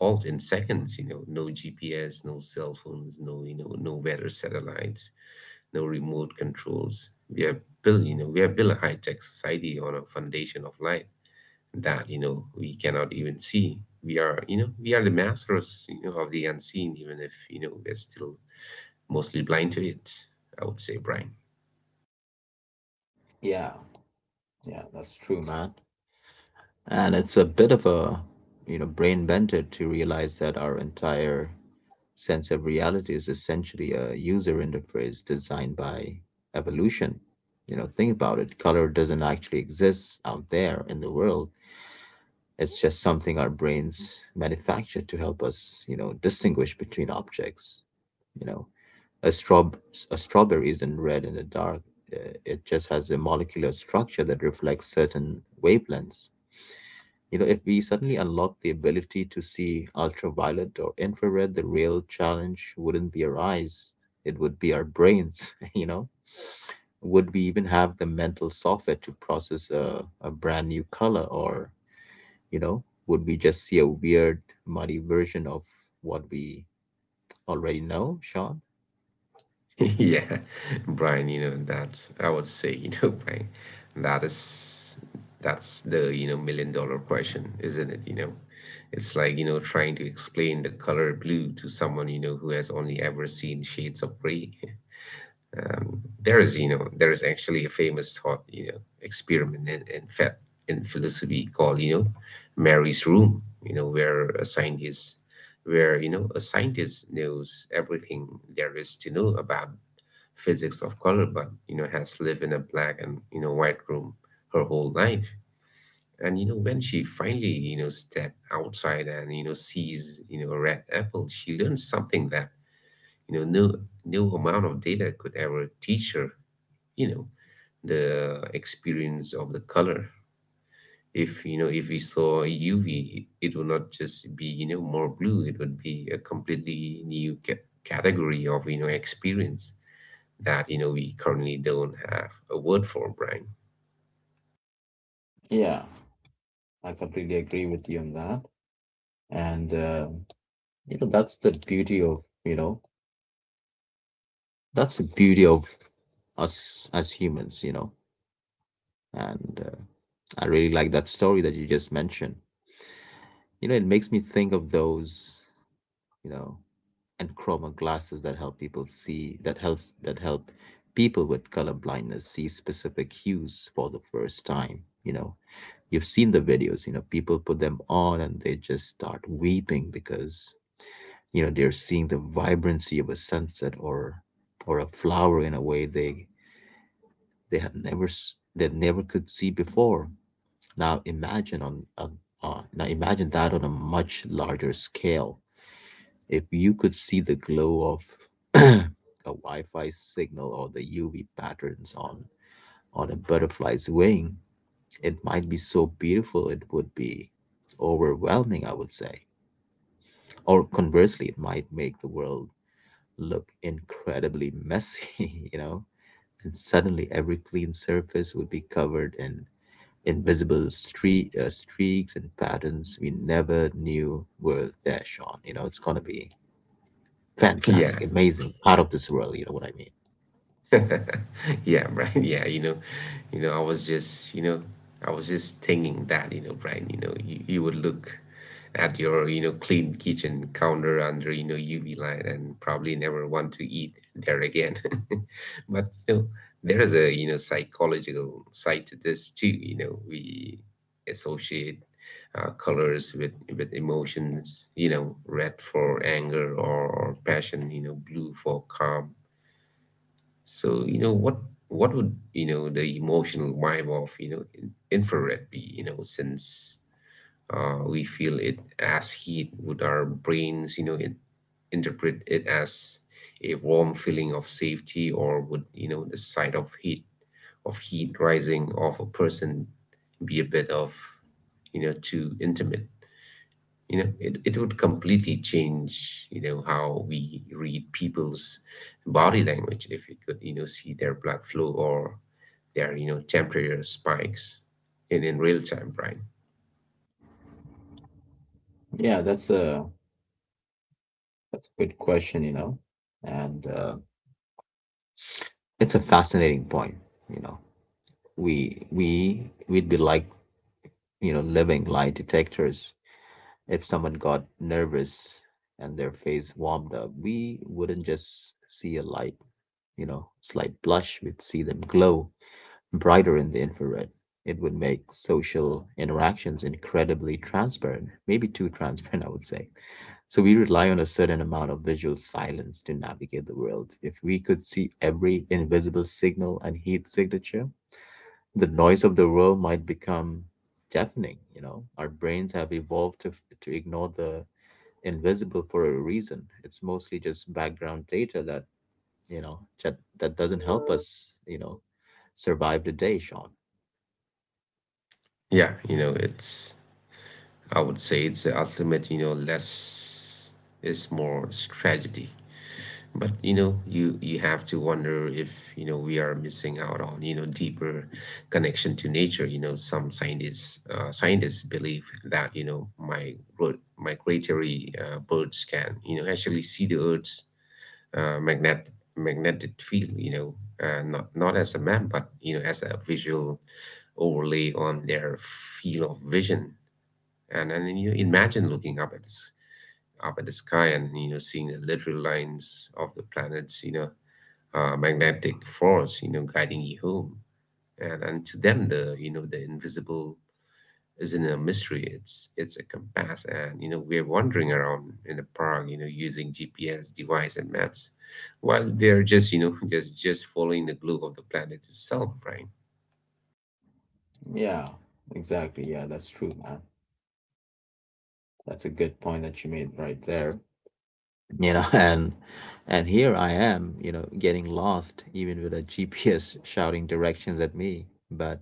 [SPEAKER 2] halt in seconds. You know no G P S, no cell phones, no, you know no weather satellites, no remote controls. We have built you know we have built a high-tech society on a foundation of light that you know we cannot even see. We are you know we are the masters you know of the unseen, even if you know we're still mostly blind to it, I would say, brian.
[SPEAKER 1] Yeah, yeah, that's true, man. And it's a bit of a, you know, brain bender to realize that our entire sense of reality is essentially a user interface designed by evolution. You know, think about it. Color doesn't actually exist out there in the world. It's just something our brains manufacture to help us, you know, distinguish between objects. You know, a straw a strawberry isn't red in the dark. uh, It just has a molecular structure that reflects certain wavelengths. You know, if we suddenly unlock the ability to see ultraviolet or infrared, the real challenge wouldn't be our eyes; it would be our brains. You know, would we even have the mental software to process a, a brand new color, or you know would we just see a weird muddy version of what we already know, Sean?
[SPEAKER 2] Yeah, Brian, you know, that's I would say, you know, Brian, that is that's the, you know, million dollar question, isn't it? You know, it's like, you know, trying to explain the color blue to someone, you know, who has only ever seen shades of gray. Um, there is, you know, there is actually a famous thought, you know, experiment in in, fa- in philosophy called, you know, Mary's room, you know, where a scientist where you know a scientist knows everything there is to know about physics of color, but you know has lived in a black and you know white room her whole life. And you know When she finally you know step outside and you know sees you know a red apple, she learns something that you know no no amount of data could ever teach her. You know the experience of the color. If you know if we saw U V, it would not just be you know more blue. It would be a completely new ca- category of you know experience that you know we currently don't have a word for, Brian.
[SPEAKER 1] Yeah, I completely agree with you on that. And, uh, you know, that's the beauty of, you know, that's the beauty of us as humans, you know. And uh, I really like that story that you just mentioned. You know, it makes me think of those you know, and chroma glasses that help people see that helps that help people with color blindness see specific hues for the first time. You know, you've seen the videos, you know, people put them on and they just start weeping because you know they're seeing the vibrancy of a sunset or or a flower in a way they they had never s- they never could see before. Now imagine on, on, on now imagine that on a much larger scale. If you could see the glow of a Wi-Fi signal or the U V patterns on on a butterfly's wing, it might be so beautiful it would be overwhelming, I would say. Or conversely, it might make the world look incredibly messy, you know, and suddenly every clean surface would be covered in invisible streak, uh, streaks and patterns we never knew were there, Sean. You know, it's gonna be
[SPEAKER 2] Yeah,
[SPEAKER 1] fantastic, amazing, out of this world, you know what I mean?
[SPEAKER 2] Yeah, Brian. Yeah, you know, you know, I was just, you know, I was just thinking that, you know, Brian, you know, you, you would look at your, you know, clean kitchen counter under, you know, U V light and probably never want to eat there again. But, you know, there is a, you know, psychological side to this too, you know, we associate uh, colors with with emotions, you know, red for anger or, or passion, you know, blue for calm. So, you know, what what would, you know, the emotional vibe of, you know, in- infrared be, you know, since uh, we feel it as heat? Would our brains, you know, in, interpret it as a warm feeling of safety, or would, you know, the sight of heat of heat rising of a person be a bit of, you know, too intimate? you know it, it would completely change you know how we read people's body language if we could you know see their blood flow or their you know temperature spikes in in real time, right?
[SPEAKER 1] Yeah, that's a that's a good question, you know. And uh, it's a fascinating point, you know. We we we'd be like, you know, living lie detectors. If someone got nervous and their face warmed up, we wouldn't just see a light, you know, slight blush, we'd see them glow brighter in the infrared. It would make social interactions incredibly transparent, maybe too transparent, I would say. So we rely on a certain amount of visual silence to navigate the world. If we could see every invisible signal and heat signature, the noise of the world might become deafening. You know, our brains have evolved to, to ignore the invisible for a reason. It's mostly just background data that you know, that, that doesn't help us, you know, survive the day, Sean.
[SPEAKER 2] Yeah, you know it's I would say it's the ultimate, you know less is more strategy. But you know, you you have to wonder if you know we are missing out on you know deeper connection to nature. You know, some scientists uh, scientists believe that you know my migratory uh, birds can you know actually see the Earth's uh, magnet magnetic field. You know, uh, not not as a map, but you know as a visual overlay on their field of vision. And and you imagine looking up at this up at the sky and you know seeing the literal lines of the planets. You know, uh, magnetic force, you know, guiding you home. And and to them, the you know the invisible isn't a mystery. It's it's a compass, and you know we're wandering around in the park, you know, using G P S device and maps, while they're just you know just just following the globe of the planet itself, right?
[SPEAKER 1] Yeah, exactly. Yeah, that's true, man. That's a good point that you made right there. You know, and and here I am, you know, getting lost even with a G P S shouting directions at me. But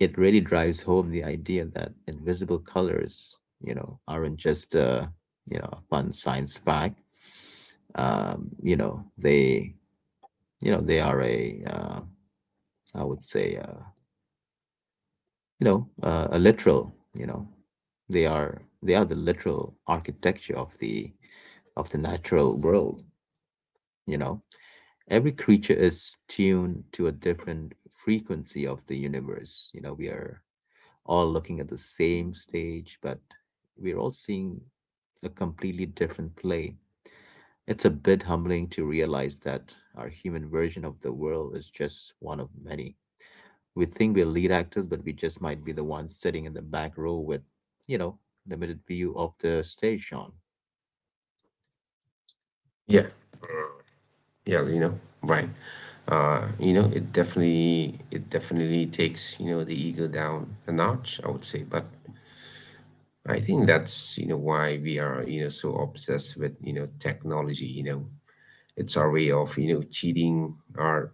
[SPEAKER 1] it really drives home the idea that invisible colors, you know, aren't just uh, you know, a fun science fact. Um, you know, they you know, they are a uh, I would say, uh, you know, uh, a literal. You know, they are they are the literal architecture of the of the natural world. You know, every creature is tuned to a different frequency of the universe. You know, we are all looking at the same stage, but we're all seeing a completely different play. It's a bit humbling to realize that our human version of the world is just one of many. We think we're lead actors, but we just might be the ones sitting in the back row with, you know, limited view of the stage, Sean.
[SPEAKER 2] Yeah, yeah, you know, right. Uh, you know, it definitely it definitely takes you know the ego down a notch, I would say, but I think that's, you know, why we are, you know, so obsessed with, you know, technology, you know. It's our way of, you know, cheating our,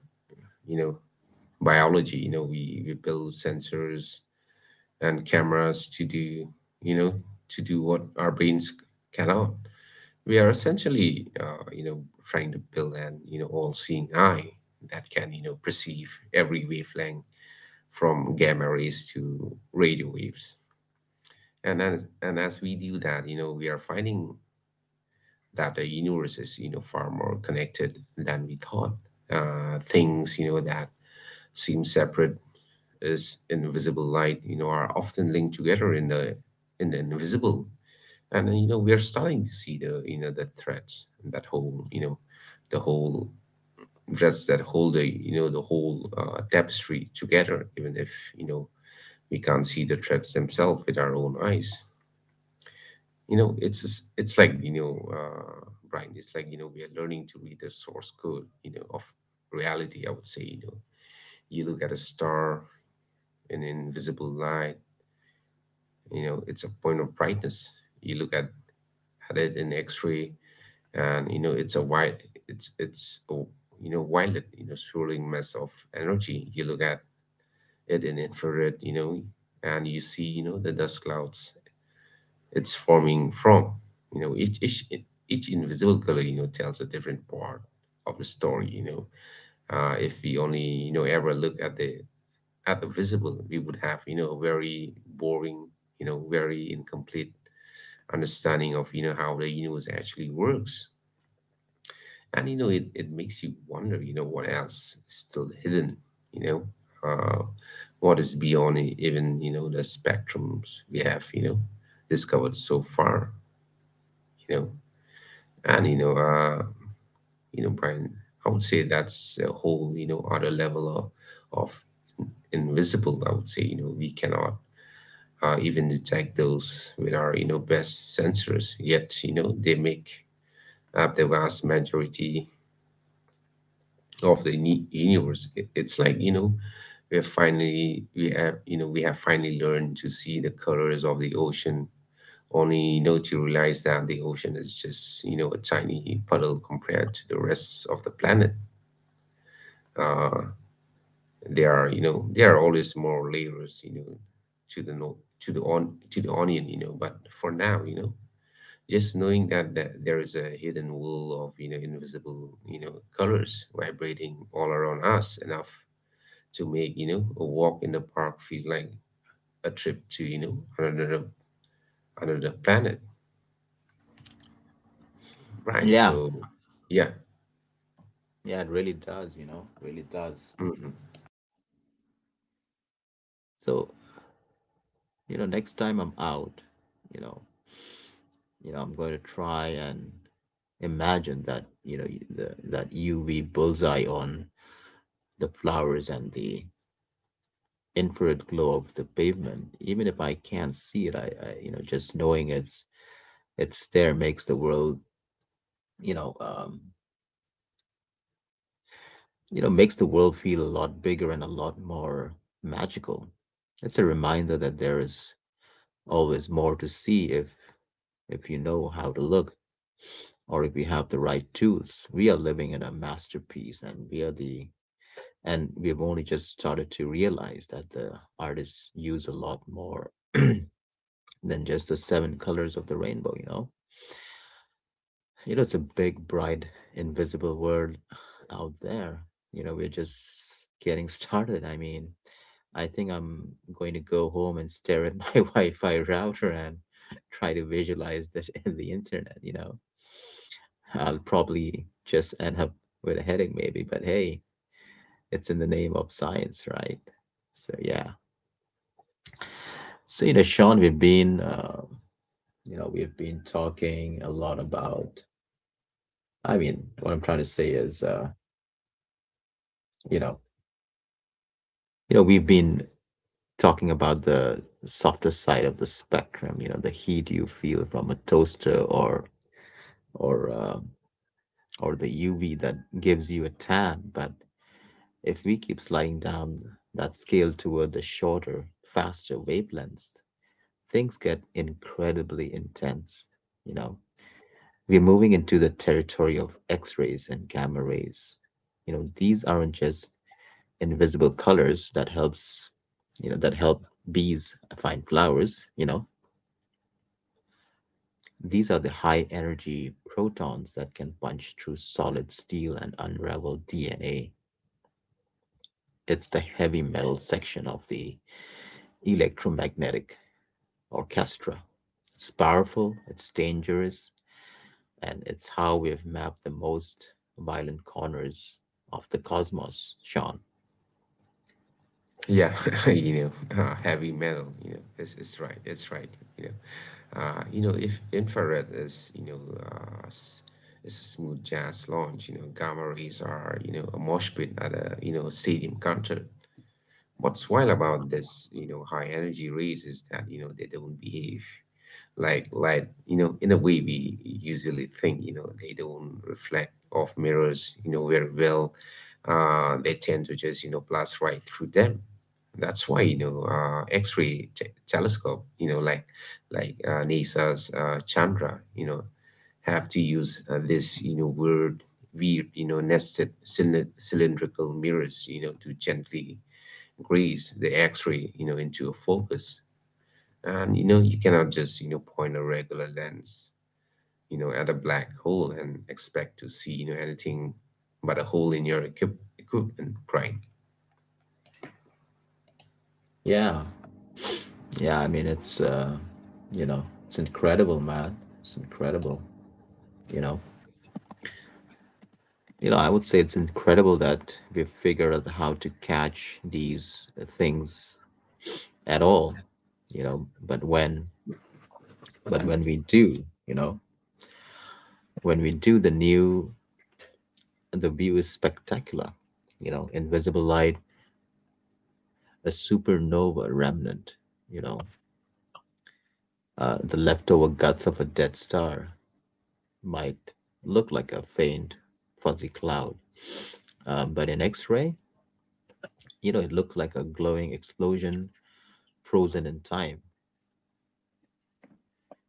[SPEAKER 2] you know, biology. You know, we, we build sensors and cameras to do, you know, to do what our brains cannot. We are essentially, uh, you know, trying to build an, you know, all-seeing eye that can, you know, perceive every wavelength from gamma rays to radio waves. And as, and as we do that, you know, we are finding that the universe is you know far more connected than we thought. Uh, things you know that seem separate as invisible light you know are often linked together in the in the invisible, and uh, you know we are starting to see the you know the threads that whole you know the whole threads that hold the you know the whole uh, tapestry together, even if you know we can't see the threads themselves with our own eyes. You know, it's just- it's like you know, uh, Brian. It's like you know, we are learning to read the source code You know, of reality, I would say. You know, you look at a star, an invisible light. You know, it's a point of brightness. You look at at it in X-ray, and you know, it's a wide. It's it's a, you know, wild. You know, swirling mess of energy. You look at it in infrared. You know, and you see you know the dust clouds it's forming from. You know, each each each invisible color, you know, tells a different part of the story. You know, uh, if we only you know ever look at the at the visible, we would have you know a very boring, you know, very incomplete understanding of you know how the universe actually works. And you know, it, it makes you wonder, you know, what else is still hidden, you know, uh, what is beyond e- even you know the spectrums we have, you know, discovered so far? You know And you know, uh, you know, Brian, I would say that's a whole, you know, other level of, of invisible, I would say. You know, we cannot uh, even detect those with our, you know, best sensors. Yet, you know, they make up the vast majority of the uni- universe. It- It's like, you know, we have finally we have you know we have finally learned to see the colors of the ocean, only you know to realize that the ocean is just you know a tiny puddle compared to the rest of the planet. uh, there are you know there are always more layers, you know to the no to the on to the onion, you know but for now, you know just knowing that, that there is a hidden wool of you know invisible, you know colors vibrating all around us enough to make you know a walk in the park feel like a trip to you know another another planet, Brian.
[SPEAKER 1] Yeah,
[SPEAKER 2] So yeah.
[SPEAKER 1] yeah, it really does, you know, really does.
[SPEAKER 2] Mhm.
[SPEAKER 1] So, you know, next time I'm out, you know, you know, I'm going to try and imagine that, you know, y- the, that U V bullseye on the flowers and the infrared glow of the pavement. Even if I can't see it, I, I you know just knowing it's it's there makes the world you know um, you know makes the world feel a lot bigger and a lot more magical. It's a reminder that there is always more to see if if you know how to look, or if you have the right tools. We are living in a masterpiece, and we are the and we have only just started to realize that the artists use a lot more than just the seven colors of the rainbow. You know You know, it's a big, bright, invisible world out there. You know, we're just getting started. I mean, I think I'm going to go home and stare at my Wi-Fi router and try to visualize this in the internet, you know. I'll probably just end up with a headache maybe, but hey, it's in the name of science, right? So yeah. So you know, Sean, we've been uh, you know, we've been talking a lot about. I mean, what I'm trying to say is uh, you know, you know we've been talking about the softer side of the spectrum, you know, the heat you feel from a toaster, or or uh, or the UV that gives you a tan. But if we keep sliding down that scale toward the shorter, faster wavelengths, things get incredibly intense. You know, we're moving into the territory of x-rays and gamma rays. You know, these aren't just invisible colors that helps you know that help bees find flowers. You know, these are the high energy protons that can punch through solid steel and unravel DNA. It's the heavy metal section of the electromagnetic orchestra. It's powerful, it's dangerous, and it's how we have mapped the most violent corners of the cosmos, Sean.
[SPEAKER 2] Yeah, you know, uh, heavy metal, you know, it's, it's right, it's right, you know. Uh, you know, if infrared is, you know, uh, s- it's a smooth jazz lounge, you know, gamma rays are, you know, a mosh pit at a, you know, stadium concert. What's wild about this, you know, high energy rays is that, you know, they don't behave like light, you know, in a way we usually think. You know, they don't reflect off mirrors, you know, very well. Uh, they tend to just, you know, blast right through them. That's why, you know, uh, X-ray t telescope, you know, like like uh, NASA's uh, Chandra, you know, have to use uh, this, you know, weird, weird, you know, nested cylind- cylindrical mirrors, you know, to gently grease the X-ray, you know, into a focus. And you know, you cannot just, you know, point a regular lens, you know, at a black hole and expect to see, you know, anything but a hole in your equip- equipment, right?
[SPEAKER 1] Yeah. Yeah, I mean it's uh, you know, it's incredible, man. It's incredible. You know, you know, I would say it's incredible that we figured out how to catch these things at all. You know, but when, but when we do, you know, when we do, the new, the view is spectacular. You know, invisible light, a supernova remnant. You know, uh, the leftover guts of a dead star might look like a faint, fuzzy cloud. Uh, but in X ray, you know, it looked like a glowing explosion frozen in time,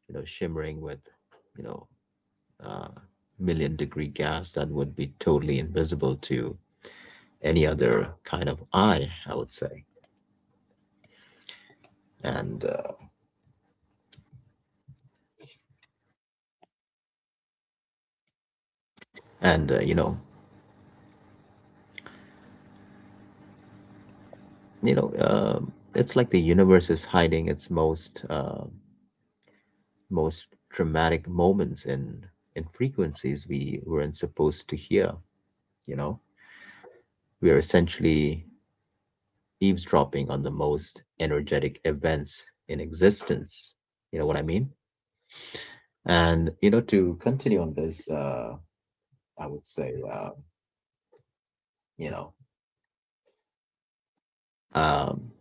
[SPEAKER 1] you know, shimmering with, you know, uh, million degree gas that would be totally invisible to any other kind of eye, I would say. And, uh, and uh, you know, you know, um it's like the universe is hiding its most, uh, most dramatic moments in, in frequencies we weren't supposed to hear. You know, we are essentially eavesdropping on the most energetic events in existence. You know what I mean? And, you know, to continue on this, uh, I would say, uh, you know, um,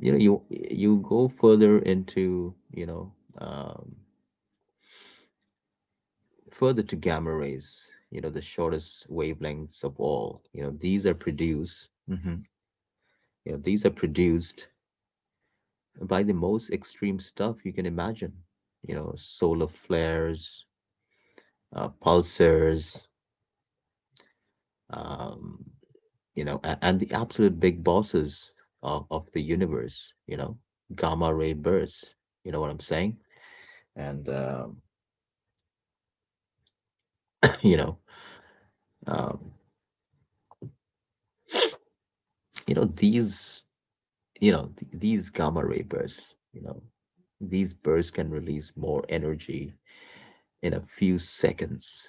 [SPEAKER 1] you know, you you go further into, you know, um, further to gamma rays, you know, the shortest wavelengths of all. You know, these are produced. Mhm. You know, these are produced by the most extreme stuff you can imagine. You know, solar flares, uh, pulsars, um, you know, and, and the absolute big bosses of, of the universe, you know, gamma ray bursts. You know what I'm saying? And um, you know, um, you know these, you know th- these gamma ray bursts. You know, these bursts can release more energy in a few seconds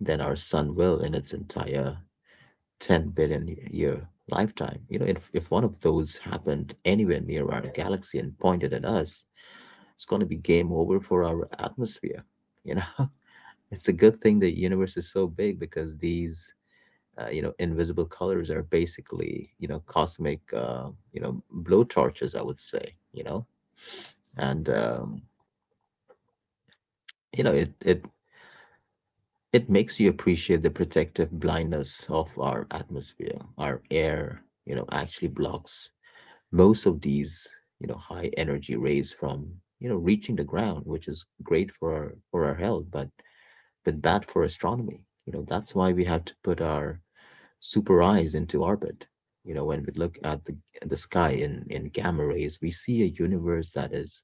[SPEAKER 1] than our sun will in its entire 10 billion year lifetime. You know, if, if one of those happened anywhere near our galaxy and pointed at us, it's going to be game over for our atmosphere. You know, it's a good thing the universe is so big, because these, uh, you know, invisible colors are basically, you know, cosmic, uh, you know, blowtorches, I would say. You know, and, um, you know, it, it, it makes you appreciate the protective blindness of our atmosphere. Our air, you know, actually blocks most of these, you know, high energy rays from, you know, reaching the ground, which is great for our for our health, but but bad for astronomy. You know, that's why we have to put our super eyes into orbit. You know, when we look at the the sky in in gamma rays, we see a universe that is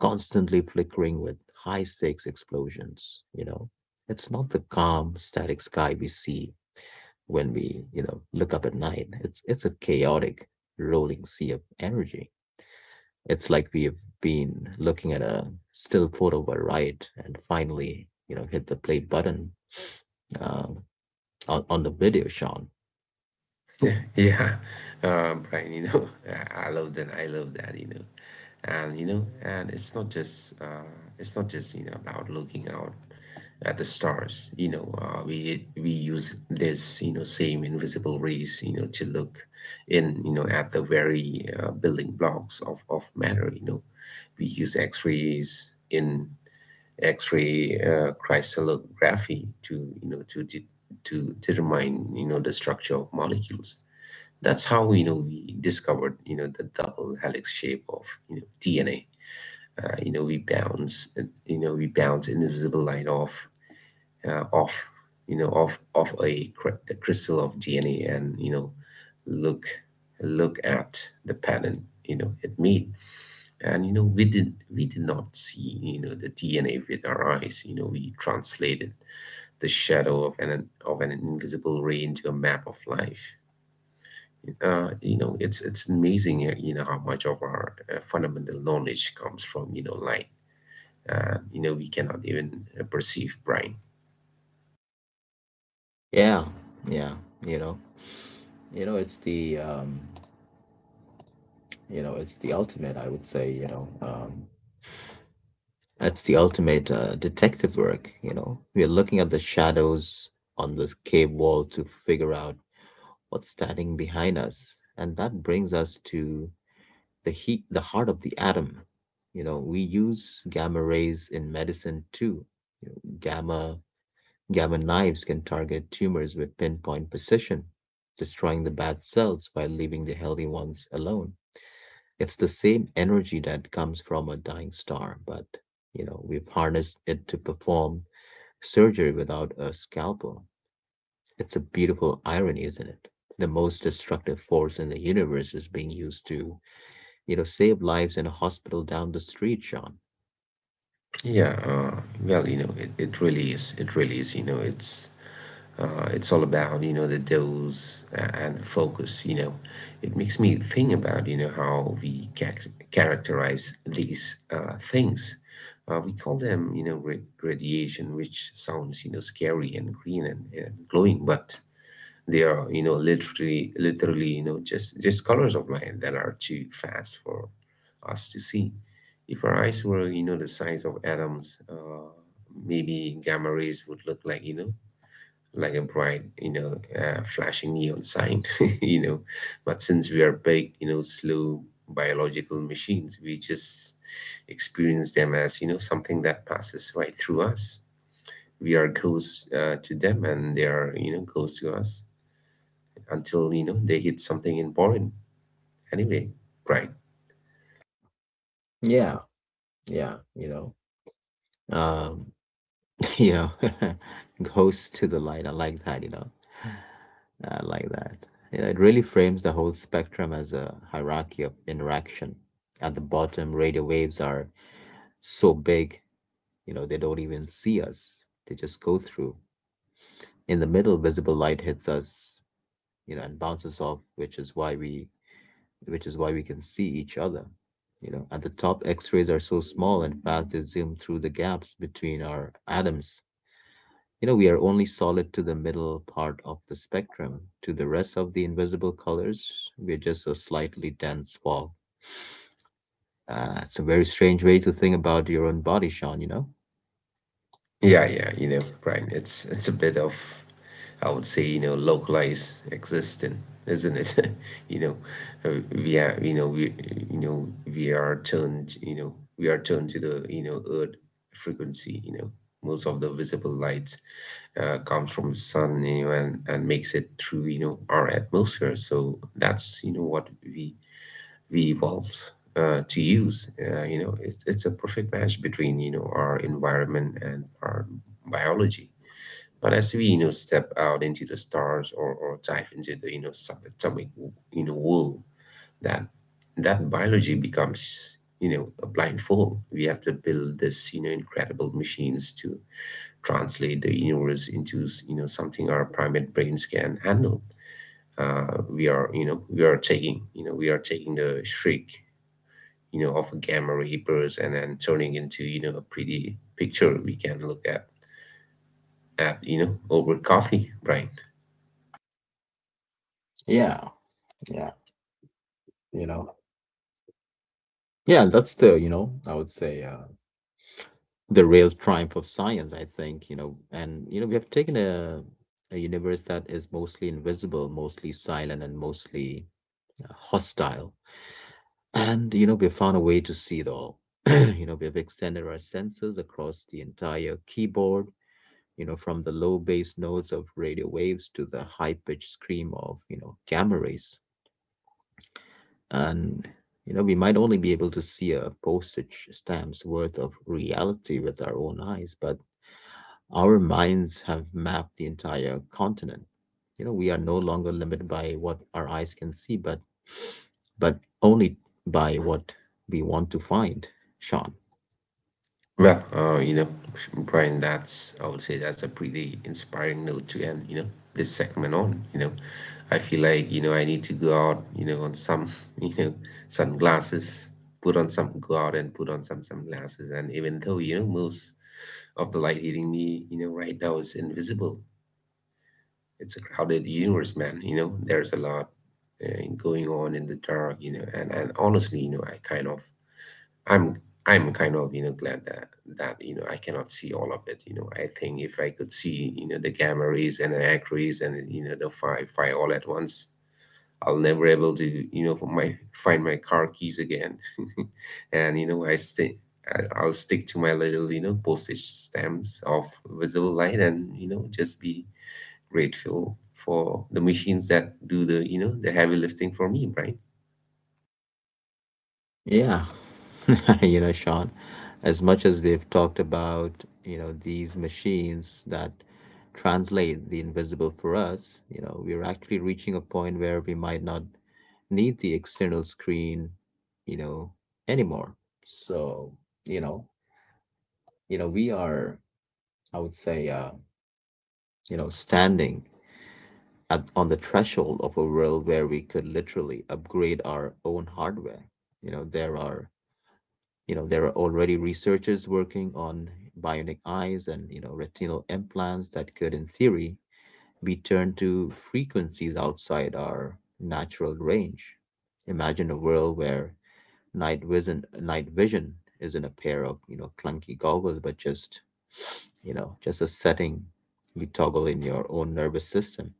[SPEAKER 1] constantly flickering with high stakes explosions. You know, it's not the calm, static sky we see when we, you know, look up at night. It's it's a chaotic, rolling sea of energy. It's like we've been looking at a still photo of a ride and finally, you know, hit the play button uh, on, on the video, Sean.
[SPEAKER 2] Yeah, yeah. Uh, Brian, you know, I love that. I love that, you know. And you know, and it's not just uh it's not just, you know, about looking out at the stars. You know, uh we we use this, you know, same invisible rays, you know, to look in, you know, at the very uh, building blocks of of matter, you know. We use X-rays in X-ray uh, crystallography to, you know, to de to determine, you know, the structure of molecules. That's how you know we discovered you know the double helix shape of you know D N A. Uh, you know we bounce you know we bounce invisible light off uh, off you know off off a, cr- a crystal of D N A, and you know look look at the pattern you know it made, and you know we did we did not see you know the D N A with our eyes. You know, we translated the shadow of an of an invisible ray into a map of life. Uh, you know, it's it's amazing, uh, you know, how much of our uh, fundamental knowledge comes from, you know, light Uh, you know, we cannot even uh, perceive, brain.
[SPEAKER 1] Yeah, yeah, you know. You know, it's the um, you know, it's the ultimate, I would say, you know, um, that's the ultimate uh, detective work, you know. We are looking at the shadows on the cave wall to figure out what's standing behind us. And that brings us to the heat, the heart of the atom. You know, we use gamma rays in medicine too. You know, gamma gamma knives can target tumors with pinpoint precision, destroying the bad cells while leaving the healthy ones alone. It's the same energy that comes from a dying star, but you know, we've harnessed it to perform surgery without a scalpel. It's a beautiful irony, isn't it? The most destructive force in the universe is being used to, you know, save lives in a hospital down the street, Sean.
[SPEAKER 2] Yeah, uh, well, you know, it, it really is. It really is. You know, it's uh, it's all about you know the dose uh, and the focus. You know, it makes me think about you know how we ca- characterize these uh, things. Uh, we call them you know ra- radiation, which sounds you know scary and green and, and glowing, but they are, you know, literally, literally, you know, just just colors of light that are too fast for us to see. If our eyes were, you know, the size of atoms, uh, maybe gamma rays would look like, you know, like a bright, you know, uh, flashing neon sign, you know. But since we are big, you know, slow biological machines, we just experience them as, you know, something that passes right through us. We are ghosts uh, to them, and they are, you know, ghosts to us until you know they hit something important, anyway. Right.
[SPEAKER 1] Yeah, yeah, you know. Um, you know, goes to the light. I like that, you know. I like that. You know, it really frames the whole spectrum as a hierarchy of interaction. At the bottom, radio waves are so big, you know, they don't even see us. They just go through. In the middle, visible light hits us, you know, and bounces off, which is why we which is why we can see each other. You know, at the top, X-rays are so small and fast they zoom through the gaps between our atoms. You know, we are only solid to the middle part of the spectrum. To the rest of the invisible colors, we're just a slightly dense fog. Uh, it's a very strange way to think about your own body, Sean, you know?
[SPEAKER 2] Yeah, yeah, you know right, it's it's a bit of, I would say, you know localized existent, isn't it? you know uh, we are, you know we, you know we are turned, you know we are turned to the you know earth frequency you know Most of the visible light uh, comes from the sun, you know, and and makes it through you know our atmosphere, so that's you know what we we evolved uh, to use. Uh, you know, it, it's a perfect match between you know our environment and our biology. But as we you know step out into the stars, or, or dive into the you know subatomic you know world, that that biology becomes you know a blindfold. We have to build this you know incredible machines to translate the universe into you know something our primate brains can handle. uh, we are you know we are taking you know we are taking the shriek, you know, of gamma ray burst and then turning into, you know, a pretty picture we can look at at, you know, over coffee, Brian.
[SPEAKER 1] Yeah, yeah, you know. Yeah, that's the, you know, I would say uh the real triumph of science, I think, you know. And you know, we have taken a a universe that is mostly invisible, mostly silent, and mostly uh, hostile. And, you know, we have found a way to see it all. You know, we have extended our senses across the entire keyboard, you know, from the low bass notes of radio waves to the high pitched scream of, you know, gamma rays. And, you know, we might only be able to see a postage stamp's worth of reality with our own eyes, but our minds have mapped the entire continent. You know, we are no longer limited by what our eyes can see, but but only by what we want to find, Sean.
[SPEAKER 2] Well, uh, you know, Brian, that's I would say that's a pretty inspiring note to end, you know, this segment on. You know, I feel like, you know, I need to go out, you know, on some, you know, sunglasses. Put on some go out and put on some sunglasses. And even though, you know, most of the light hitting me, you know, right now, is invisible. It's a crowded universe, man. You know, there's a lot uh, going on in the dark. You know, and and honestly, you know, I kind of I'm I'm kind of you know glad that that you know I cannot see all of it. You know, I think if I could see you know the gamma rays and the X rays and you know the phi phi all at once, I'll never able to you know for my find my car keys again. and you know, I stay. I'll stick to my little, you know, postage stamps of visible light, and you know, just be grateful for the machines that do the you know the heavy lifting for me, Brian.
[SPEAKER 1] Yeah. you know, Sean, as much as we've talked about, you know, these machines that translate the invisible for us, you know, we're actually reaching a point where we might not need the external screen, you know, anymore. So, you know, you know, we are, I would say, uh, you know, standing at, on the threshold of a world where we could literally upgrade our own hardware. You know, there are, you know, there are already researchers working on bionic eyes and, you know, retinal implants that could, in theory, be turned to frequencies outside our natural range. Imagine a world where night vision night vision isn't a pair of, you know, clunky goggles, but just, you know, just a setting you toggle in your own nervous system.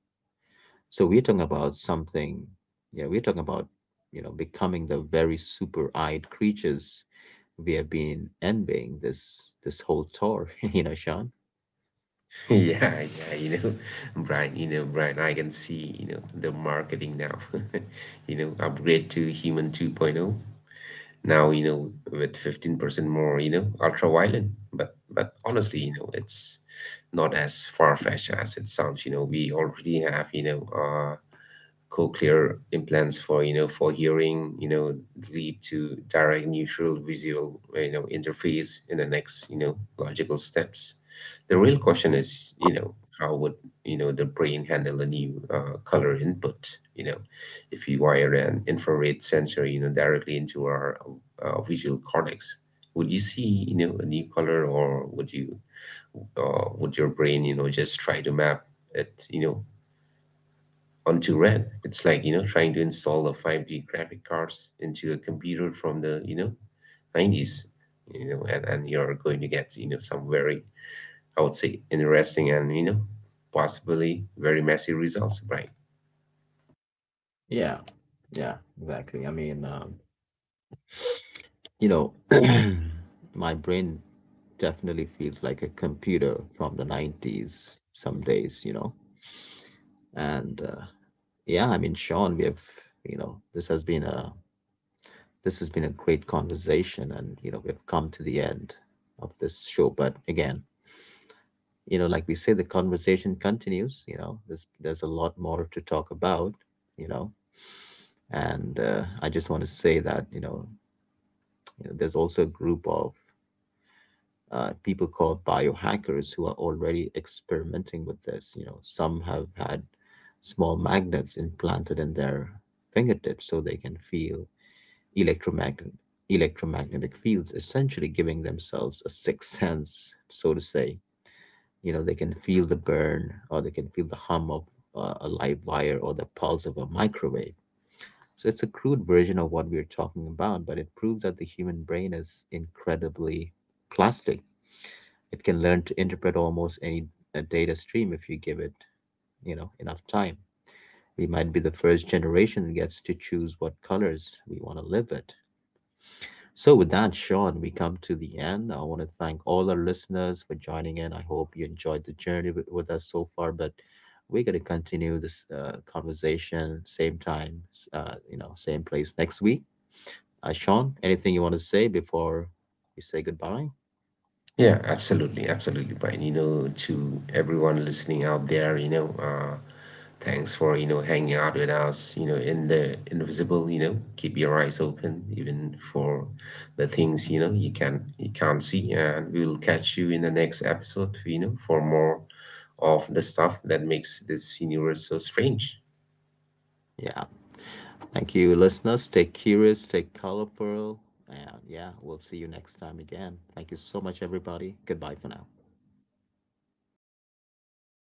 [SPEAKER 1] So we're talking about something. Yeah, we're talking about, you know, becoming the very super eyed creatures we have been envying this this whole tour, you know, Sean.
[SPEAKER 2] Yeah, yeah, you know brian you know Brian, I can see you know the marketing now. You know upgrade to human 2.0 now, you know with fifteen percent more you know ultra violent. But but honestly, you know it's not as far-fetched as it sounds you know We already have, you know uh, cochlear implants for you know for hearing. You know lead to direct neutral visual you know interface in the next you know logical steps. The real question is, you know how would you know the brain handle a new uh, color input you know If you wire an infrared sensor you know directly into our uh, visual cortex, would you see you know a new color, or would you uh, would your brain you know just try to map it you know onto red. It's like, you know, trying to install a five G graphic cards into a computer from the, you know, nineties, you know, and, and you're going to get, you know, some very, I would say, interesting and, you know, possibly very messy results, right?
[SPEAKER 1] Yeah, yeah, exactly. I mean, um, you know, my brain definitely feels like a computer from the nineties some days, you know. And uh, yeah, I mean, Sean, we have, you know, this has been a this has been a great conversation, and you know, we've come to the end of this show. But again, you know, like we say, the conversation continues, you know. There's there's a lot more to talk about, you know. And uh, I just want to say that, you know, you know, there's also a group of uh, people called biohackers who are already experimenting with this. You know, some have had small magnets implanted in their fingertips so they can feel electromagnet electromagnetic fields, essentially giving themselves a sixth sense, so to say. You know, they can feel the burn, or they can feel the hum of uh, a live wire, or the pulse of a microwave. So it's a crude version of what we're talking about, but it proves that the human brain is incredibly plastic. It can learn to interpret almost any uh, data stream if you give it, you know, enough time. We might be the first generation that gets to choose what colors we want to live with. So with that, Sean, we come to the end. I want to thank all our listeners for joining in. I hope you enjoyed the journey with, with us so far, but we're going to continue this uh, conversation same time, uh, you know, same place next week. Uh, Sean, anything you want to say before we say goodbye?
[SPEAKER 2] Yeah, absolutely, absolutely, Brian. You know, to everyone listening out there, you know, uh, thanks for, you know, hanging out with us, you know, in the invisible. You know, keep your eyes open even for the things, you know, you can you can't see. And we'll catch you in the next episode, you know, for more of the stuff that makes this universe so strange.
[SPEAKER 1] Yeah. Thank you, listeners. Stay curious, stay colorful. And yeah, we'll see you next time again. Thank you so much, everybody. Goodbye for now.